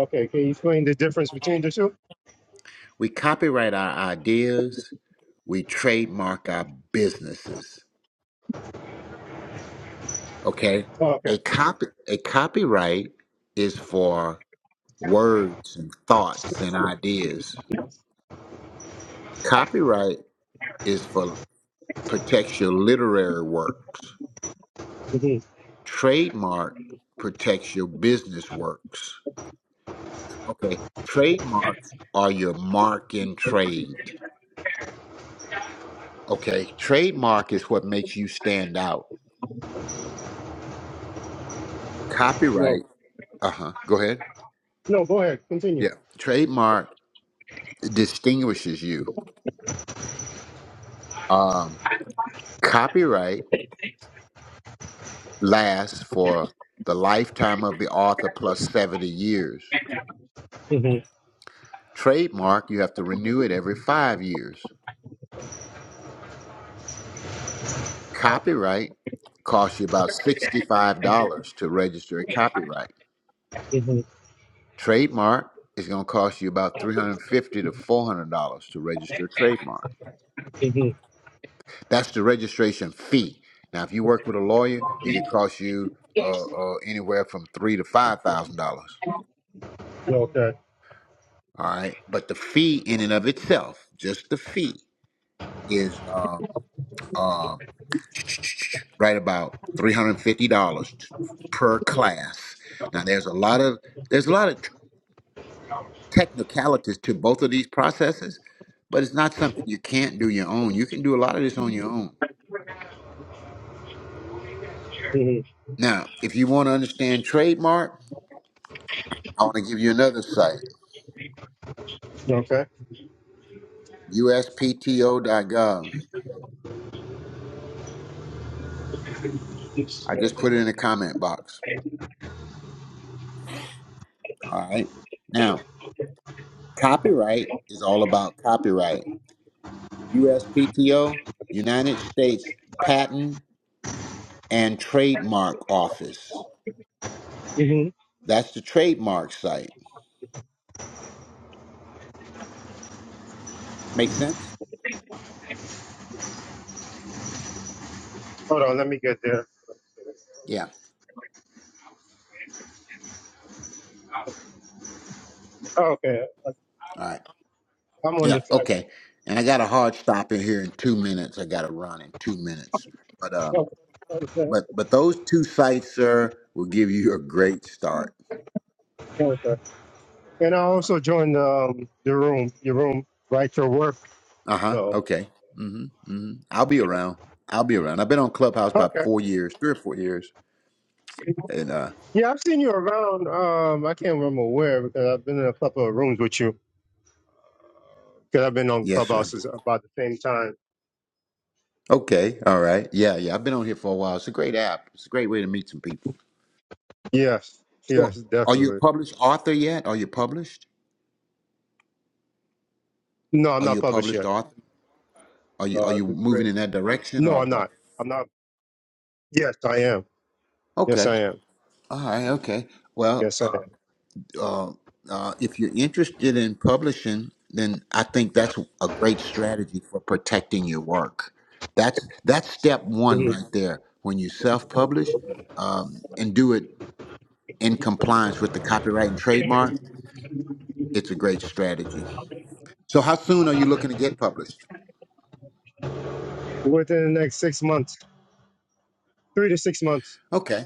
Speaker 3: okay? Can you explain the difference between the two?
Speaker 1: We copyright our ideas. We trademark our businesses. Okay.
Speaker 3: Oh, okay.
Speaker 1: A copy, a copyright is for words and thoughts and ideas. Copyright is for protects your literary works.
Speaker 3: hmm
Speaker 1: Trademark protects your business works. Okay. Trademarks are your mark in trade. Okay. Trademark is what makes you stand out. Copyright. Uh huh. Go ahead. Yeah. Trademark distinguishes you. Um, copyright lasts for the lifetime of the author plus 70 years. Trademark, you have to renew it every five years. Copyright costs you about $65 to register a copyright. Trademark is going to cost you about 350 to $400 to register a trademark. That's the registration fee. Now, if you work with a lawyer, it could cost you uh, uh, anywhere from three to five thousand dollars.
Speaker 3: Okay.
Speaker 1: All right, but the fee in and of itself, just the fee, is um, um, right about three hundred fifty dollars per class. Now, there's a lot of there's a lot of technicalities to both of these processes, but it's not something you can't do your own. You can do a lot of this on your own.
Speaker 3: hmm
Speaker 1: Now, if you want to understand trademark, I want to give you another site,
Speaker 3: Okay.
Speaker 1: uspto.gov. I just put it in the comment box. All right. Now, copyright is all about copyright. USPTO, United States Patent and Trademark Office. That's the trademark site. Make sense?
Speaker 3: Hold on, let me get there.
Speaker 1: Yeah.
Speaker 3: Oh, okay,
Speaker 1: All right.
Speaker 3: I'm on
Speaker 1: Yeah,
Speaker 3: the side.
Speaker 1: okay. And I got a hard stop in here in two minutes. I got to run in two minutes. But um,
Speaker 3: Okay.
Speaker 1: but but those two sites, sir, will give you a great start.
Speaker 3: Okay. Okay. And I also joined um, the room. Your room, write your work.
Speaker 1: Uh huh.
Speaker 3: So
Speaker 1: Okay. Mm-hmm. Mm-hmm. I'll be
Speaker 3: yeah.
Speaker 1: around. I'll be around. I've been on Clubhouse about
Speaker 3: Okay.
Speaker 1: four years, three or four years, and uh,
Speaker 3: Yeah, I've seen you around. Um, I can't remember where because I've been in a couple of rooms with you because I've been on
Speaker 1: yes, sir.
Speaker 3: clubhouses about the same time
Speaker 1: Okay. All right. Yeah, yeah. I've been on here for a while. It's a great app. It's a great way to meet some people.
Speaker 3: Yes,
Speaker 1: So,
Speaker 3: yes,
Speaker 1: are you a
Speaker 3: definitely.
Speaker 1: published author yet? Are you published?
Speaker 3: No, I'm
Speaker 1: Are
Speaker 3: not
Speaker 1: you a
Speaker 3: published
Speaker 1: published
Speaker 3: yet.
Speaker 1: author? Are you
Speaker 3: No,
Speaker 1: are
Speaker 3: I
Speaker 1: you
Speaker 3: did
Speaker 1: moving
Speaker 3: great.
Speaker 1: in that direction
Speaker 3: No,
Speaker 1: or
Speaker 3: I'm
Speaker 1: what?
Speaker 3: not. I'm not. Yes, I am. Yes,
Speaker 1: Okay.
Speaker 3: I am.
Speaker 1: All right, okay. Well,
Speaker 3: Yes, I
Speaker 1: uh,
Speaker 3: am.
Speaker 1: uh, uh, if you're interested in publishing, then I think that's a great strategy for protecting your work. That's that's step one
Speaker 3: Mhm.
Speaker 1: right there. When you self-publish um, and do it in compliance with the copyright and trademark, it's a great strategy. So, how soon are you looking to get published?
Speaker 3: Within the next six months, three to six months.
Speaker 1: Okay.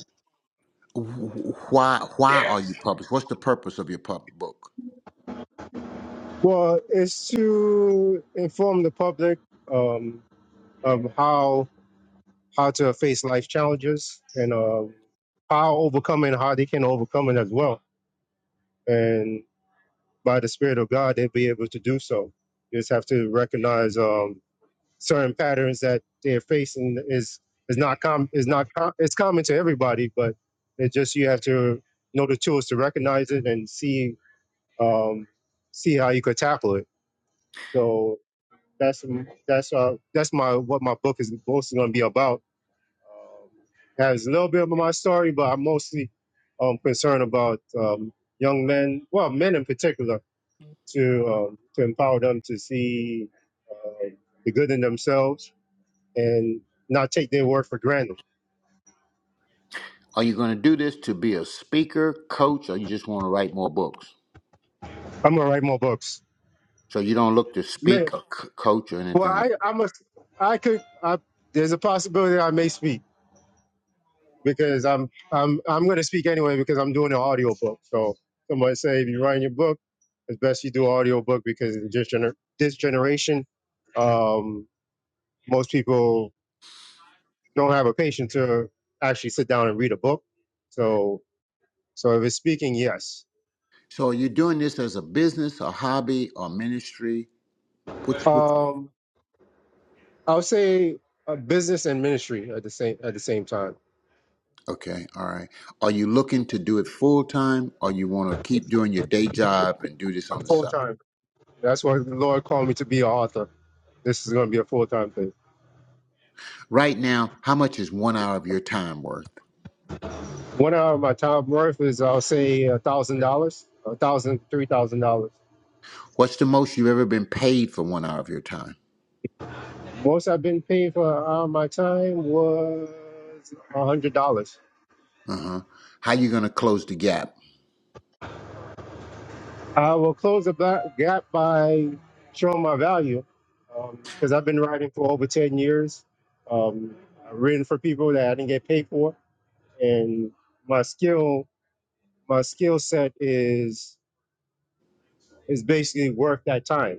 Speaker 1: Wh- Why why are you published? What's the purpose of your pub book?
Speaker 3: Well, it's to inform the public um, of how how to face life challenges and uh, how overcoming, how they can overcome it as well. And by the Spirit of God, they'll be able to do so. You just have to recognize. Um, certain patterns that they're facing is is not com is not com- it's common to everybody, but it just you have to know the tools to recognize it and see um, see how you could tackle it. So that's that's uh, that's my what my book is mostly going to be about. Um, has a little bit of my story, but I'm mostly um, concerned about um, young men, well, men in particular, to um, to empower them to see uh, the good in themselves and not take their word for granted.
Speaker 1: Are you going to do this to be a speaker, coach, or you just want to write more books?
Speaker 3: I'm gonna write more books,
Speaker 1: So you don't look to
Speaker 3: man.
Speaker 1: speak or c- coach or
Speaker 3: Well,
Speaker 1: anything like.
Speaker 3: I
Speaker 1: that.
Speaker 3: I'm a I could I, there's a possibility I may speak because I'm I'm I'm gonna speak anyway because I'm doing an audio book. So somebody say if you're writing your book, it's best you do audio book because in this, gener- this generation, um, most people don't have a patience to actually sit down and read a book. So so if it's speaking, yes.
Speaker 1: So are you doing this as a business, a hobby, or ministry? Which, which?
Speaker 3: Um, i would say uh, business and ministry at the same at the same time
Speaker 1: Okay, all right. Are you looking to do it full time, or you want to keep doing your day job and do this
Speaker 3: A
Speaker 1: on the
Speaker 3: full
Speaker 1: side?
Speaker 3: time. That's what the Lord called me to be an author. This is going to be a full time thing.
Speaker 1: Right now, how much is one hour of your time worth?
Speaker 3: One hour of my time worth is, I'll say, a thousand dollars, a thousand, three thousand dollars.
Speaker 1: What's the most you've ever been paid for one hour of your time?
Speaker 3: Most I've been paid for an hour of my time was a hundred dollars.
Speaker 1: Uh huh. How you gonna close the gap?
Speaker 3: I will close the ba- gap by showing my value because I've been writing for over ten years. Um, I've written for people that I didn't get paid for, and my skill, my skill set is is basically worth that time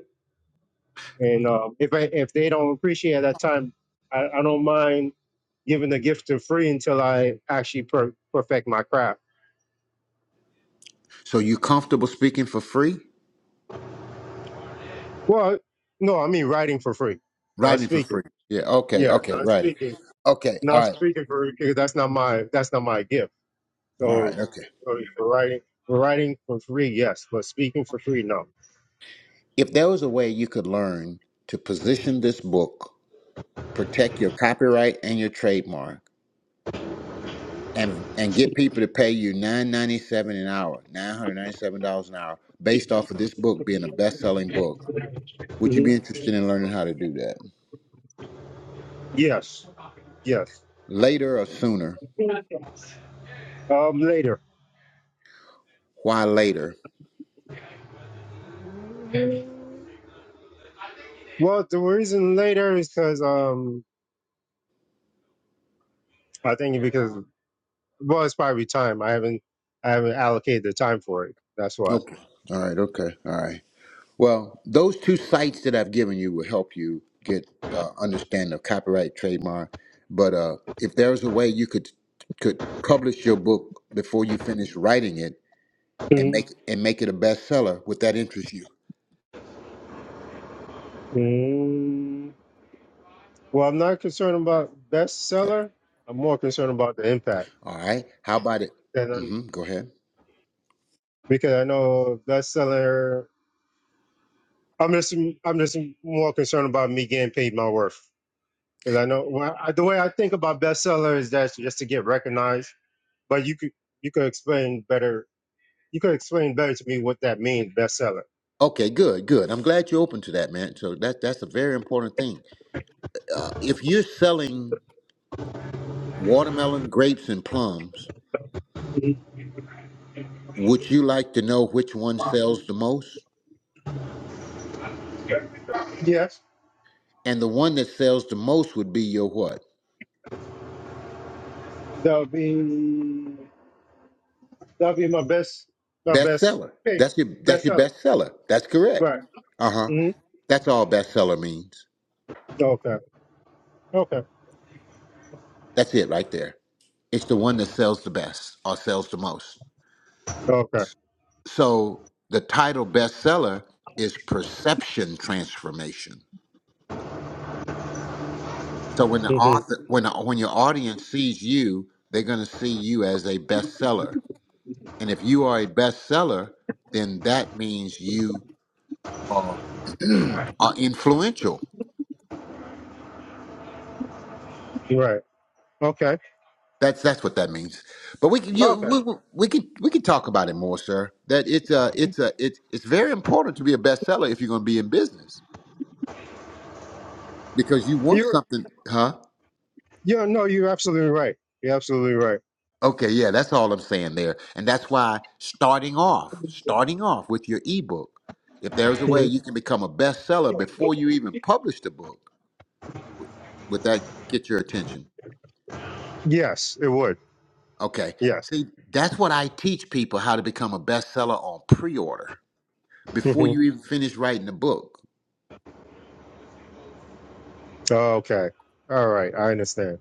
Speaker 3: And uh, if I, if they don't appreciate that time, I, I don't mind giving the gift for free until I actually per- perfect my craft.
Speaker 1: So you comfortable speaking for free,
Speaker 3: Well, no, I mean writing for free, not
Speaker 1: writing for
Speaker 3: speaking.
Speaker 1: free? Yeah. Okay.
Speaker 3: Yeah,
Speaker 1: Okay.
Speaker 3: not
Speaker 1: Right.
Speaker 3: speaking,
Speaker 1: Okay. All
Speaker 3: not
Speaker 1: right.
Speaker 3: speaking for because that's not my that's not my gift.
Speaker 1: All
Speaker 3: So,
Speaker 1: right. Okay.
Speaker 3: so yeah, for writing, for writing for free, yes, but speaking for free, no.
Speaker 1: If there was a way you could learn to position this book, protect your copyright and your trademark, and and get people to pay you nine ninety seven an hour, nine hundred ninety seven dollars an hour, based off of this book being a best selling book, would you
Speaker 3: hmm
Speaker 1: be interested in learning how to do that
Speaker 3: Yes, yes.
Speaker 1: later or sooner?
Speaker 3: Um, later.
Speaker 1: Why later?
Speaker 3: Well, the reason later is because um, I think because Well, it's probably time. I haven't I haven't allocated the time for it. That's why.
Speaker 1: Okay. All right. Okay. All right. Well, those two sites that I've given you will help you get uh, understanding of copyright, trademark. But uh, if there's a way you could could publish your book before you finish writing it and
Speaker 3: Mhm.
Speaker 1: make and make it a bestseller, would that interest you?
Speaker 3: mm Well, I'm not concerned about
Speaker 1: Okay.
Speaker 3: bestseller. I'm more concerned about the impact,
Speaker 1: All right. How about it?
Speaker 3: and then,
Speaker 1: hmm Go ahead.
Speaker 3: because I know bestseller, I'm just I'm just more concerned about me getting paid my worth. Because I know well, I, the way I think about bestseller is that just to get recognized. But you could you could explain better. You could explain better to me what that means, bestseller.
Speaker 1: Okay, good, good. I'm glad you're open to that, man. So that that's a very important thing. Uh, if you're selling watermelon, grapes, and plums,
Speaker 3: Mhm.
Speaker 1: would you like to know which one sells the most?
Speaker 3: Yes,
Speaker 1: and the one that sells the most would be your what
Speaker 3: that would be. That'll be my best, my best
Speaker 1: bestseller
Speaker 3: pick,
Speaker 1: that's your that's
Speaker 3: best
Speaker 1: your
Speaker 3: seller.
Speaker 1: bestseller that's correct
Speaker 3: Right.
Speaker 1: uh-huh
Speaker 3: hmm
Speaker 1: that's all bestseller means
Speaker 3: Okay. Okay.
Speaker 1: that's it right there it's the one that sells the best or sells the most
Speaker 3: Okay.
Speaker 1: so the title bestseller is perception transformation so when the
Speaker 3: hmm
Speaker 1: author when when your audience sees you they're going to see you as a bestseller and if you are a bestseller then that means you are influential
Speaker 3: Right. Okay.
Speaker 1: That's that's what that means. But we can you,
Speaker 3: Okay.
Speaker 1: we, we we can we can talk about it more, sir. That it's a it's a it's it's very important to be a bestseller if you're going to be in business because you want
Speaker 3: You're,
Speaker 1: something, huh?
Speaker 3: yeah, no, you're absolutely right. You're absolutely right.
Speaker 1: Okay, yeah, that's all I'm saying there, and that's why starting off, starting off with your ebook, if there's a way
Speaker 3: hmm
Speaker 1: you can become a bestseller before you even publish the book, would that get your attention?
Speaker 3: Yes, it would.
Speaker 1: Okay,
Speaker 3: Yes.
Speaker 1: see, that's what I teach people how to become a bestseller on pre-order before
Speaker 3: hmm
Speaker 1: you even finish writing the book.
Speaker 3: Okay. All right. I understand.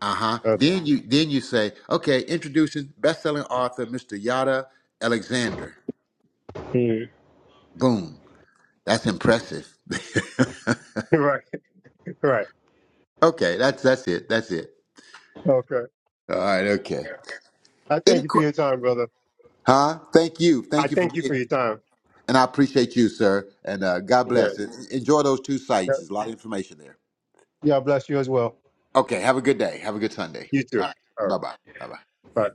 Speaker 1: Uh-huh.
Speaker 3: Okay.
Speaker 1: Then you then you say, okay, introducing best-selling author Mr. Yada Alexander.
Speaker 3: Mhm.
Speaker 1: Boom. That's impressive.
Speaker 3: Right. Right.
Speaker 1: okay, that's that's it. That's it.
Speaker 3: Okay.
Speaker 1: All right, okay.
Speaker 3: I thank
Speaker 1: Any
Speaker 3: you for
Speaker 1: que-
Speaker 3: your time, brother.
Speaker 1: huh? Thank you.
Speaker 3: I
Speaker 1: Thank you for
Speaker 3: thank
Speaker 1: being
Speaker 3: you for
Speaker 1: here.
Speaker 3: your time.
Speaker 1: And I appreciate you, sir. And uh, God bless.
Speaker 3: Yes.
Speaker 1: And enjoy those two sites.
Speaker 3: Yeah.
Speaker 1: There's a lot of information there.
Speaker 3: Yeah, bless you as well.
Speaker 1: Okay, have a good day. Have a good Sunday.
Speaker 3: You
Speaker 1: All
Speaker 3: too.
Speaker 1: right.
Speaker 3: All right.
Speaker 1: Bye-bye. Bye-bye.
Speaker 3: Bye.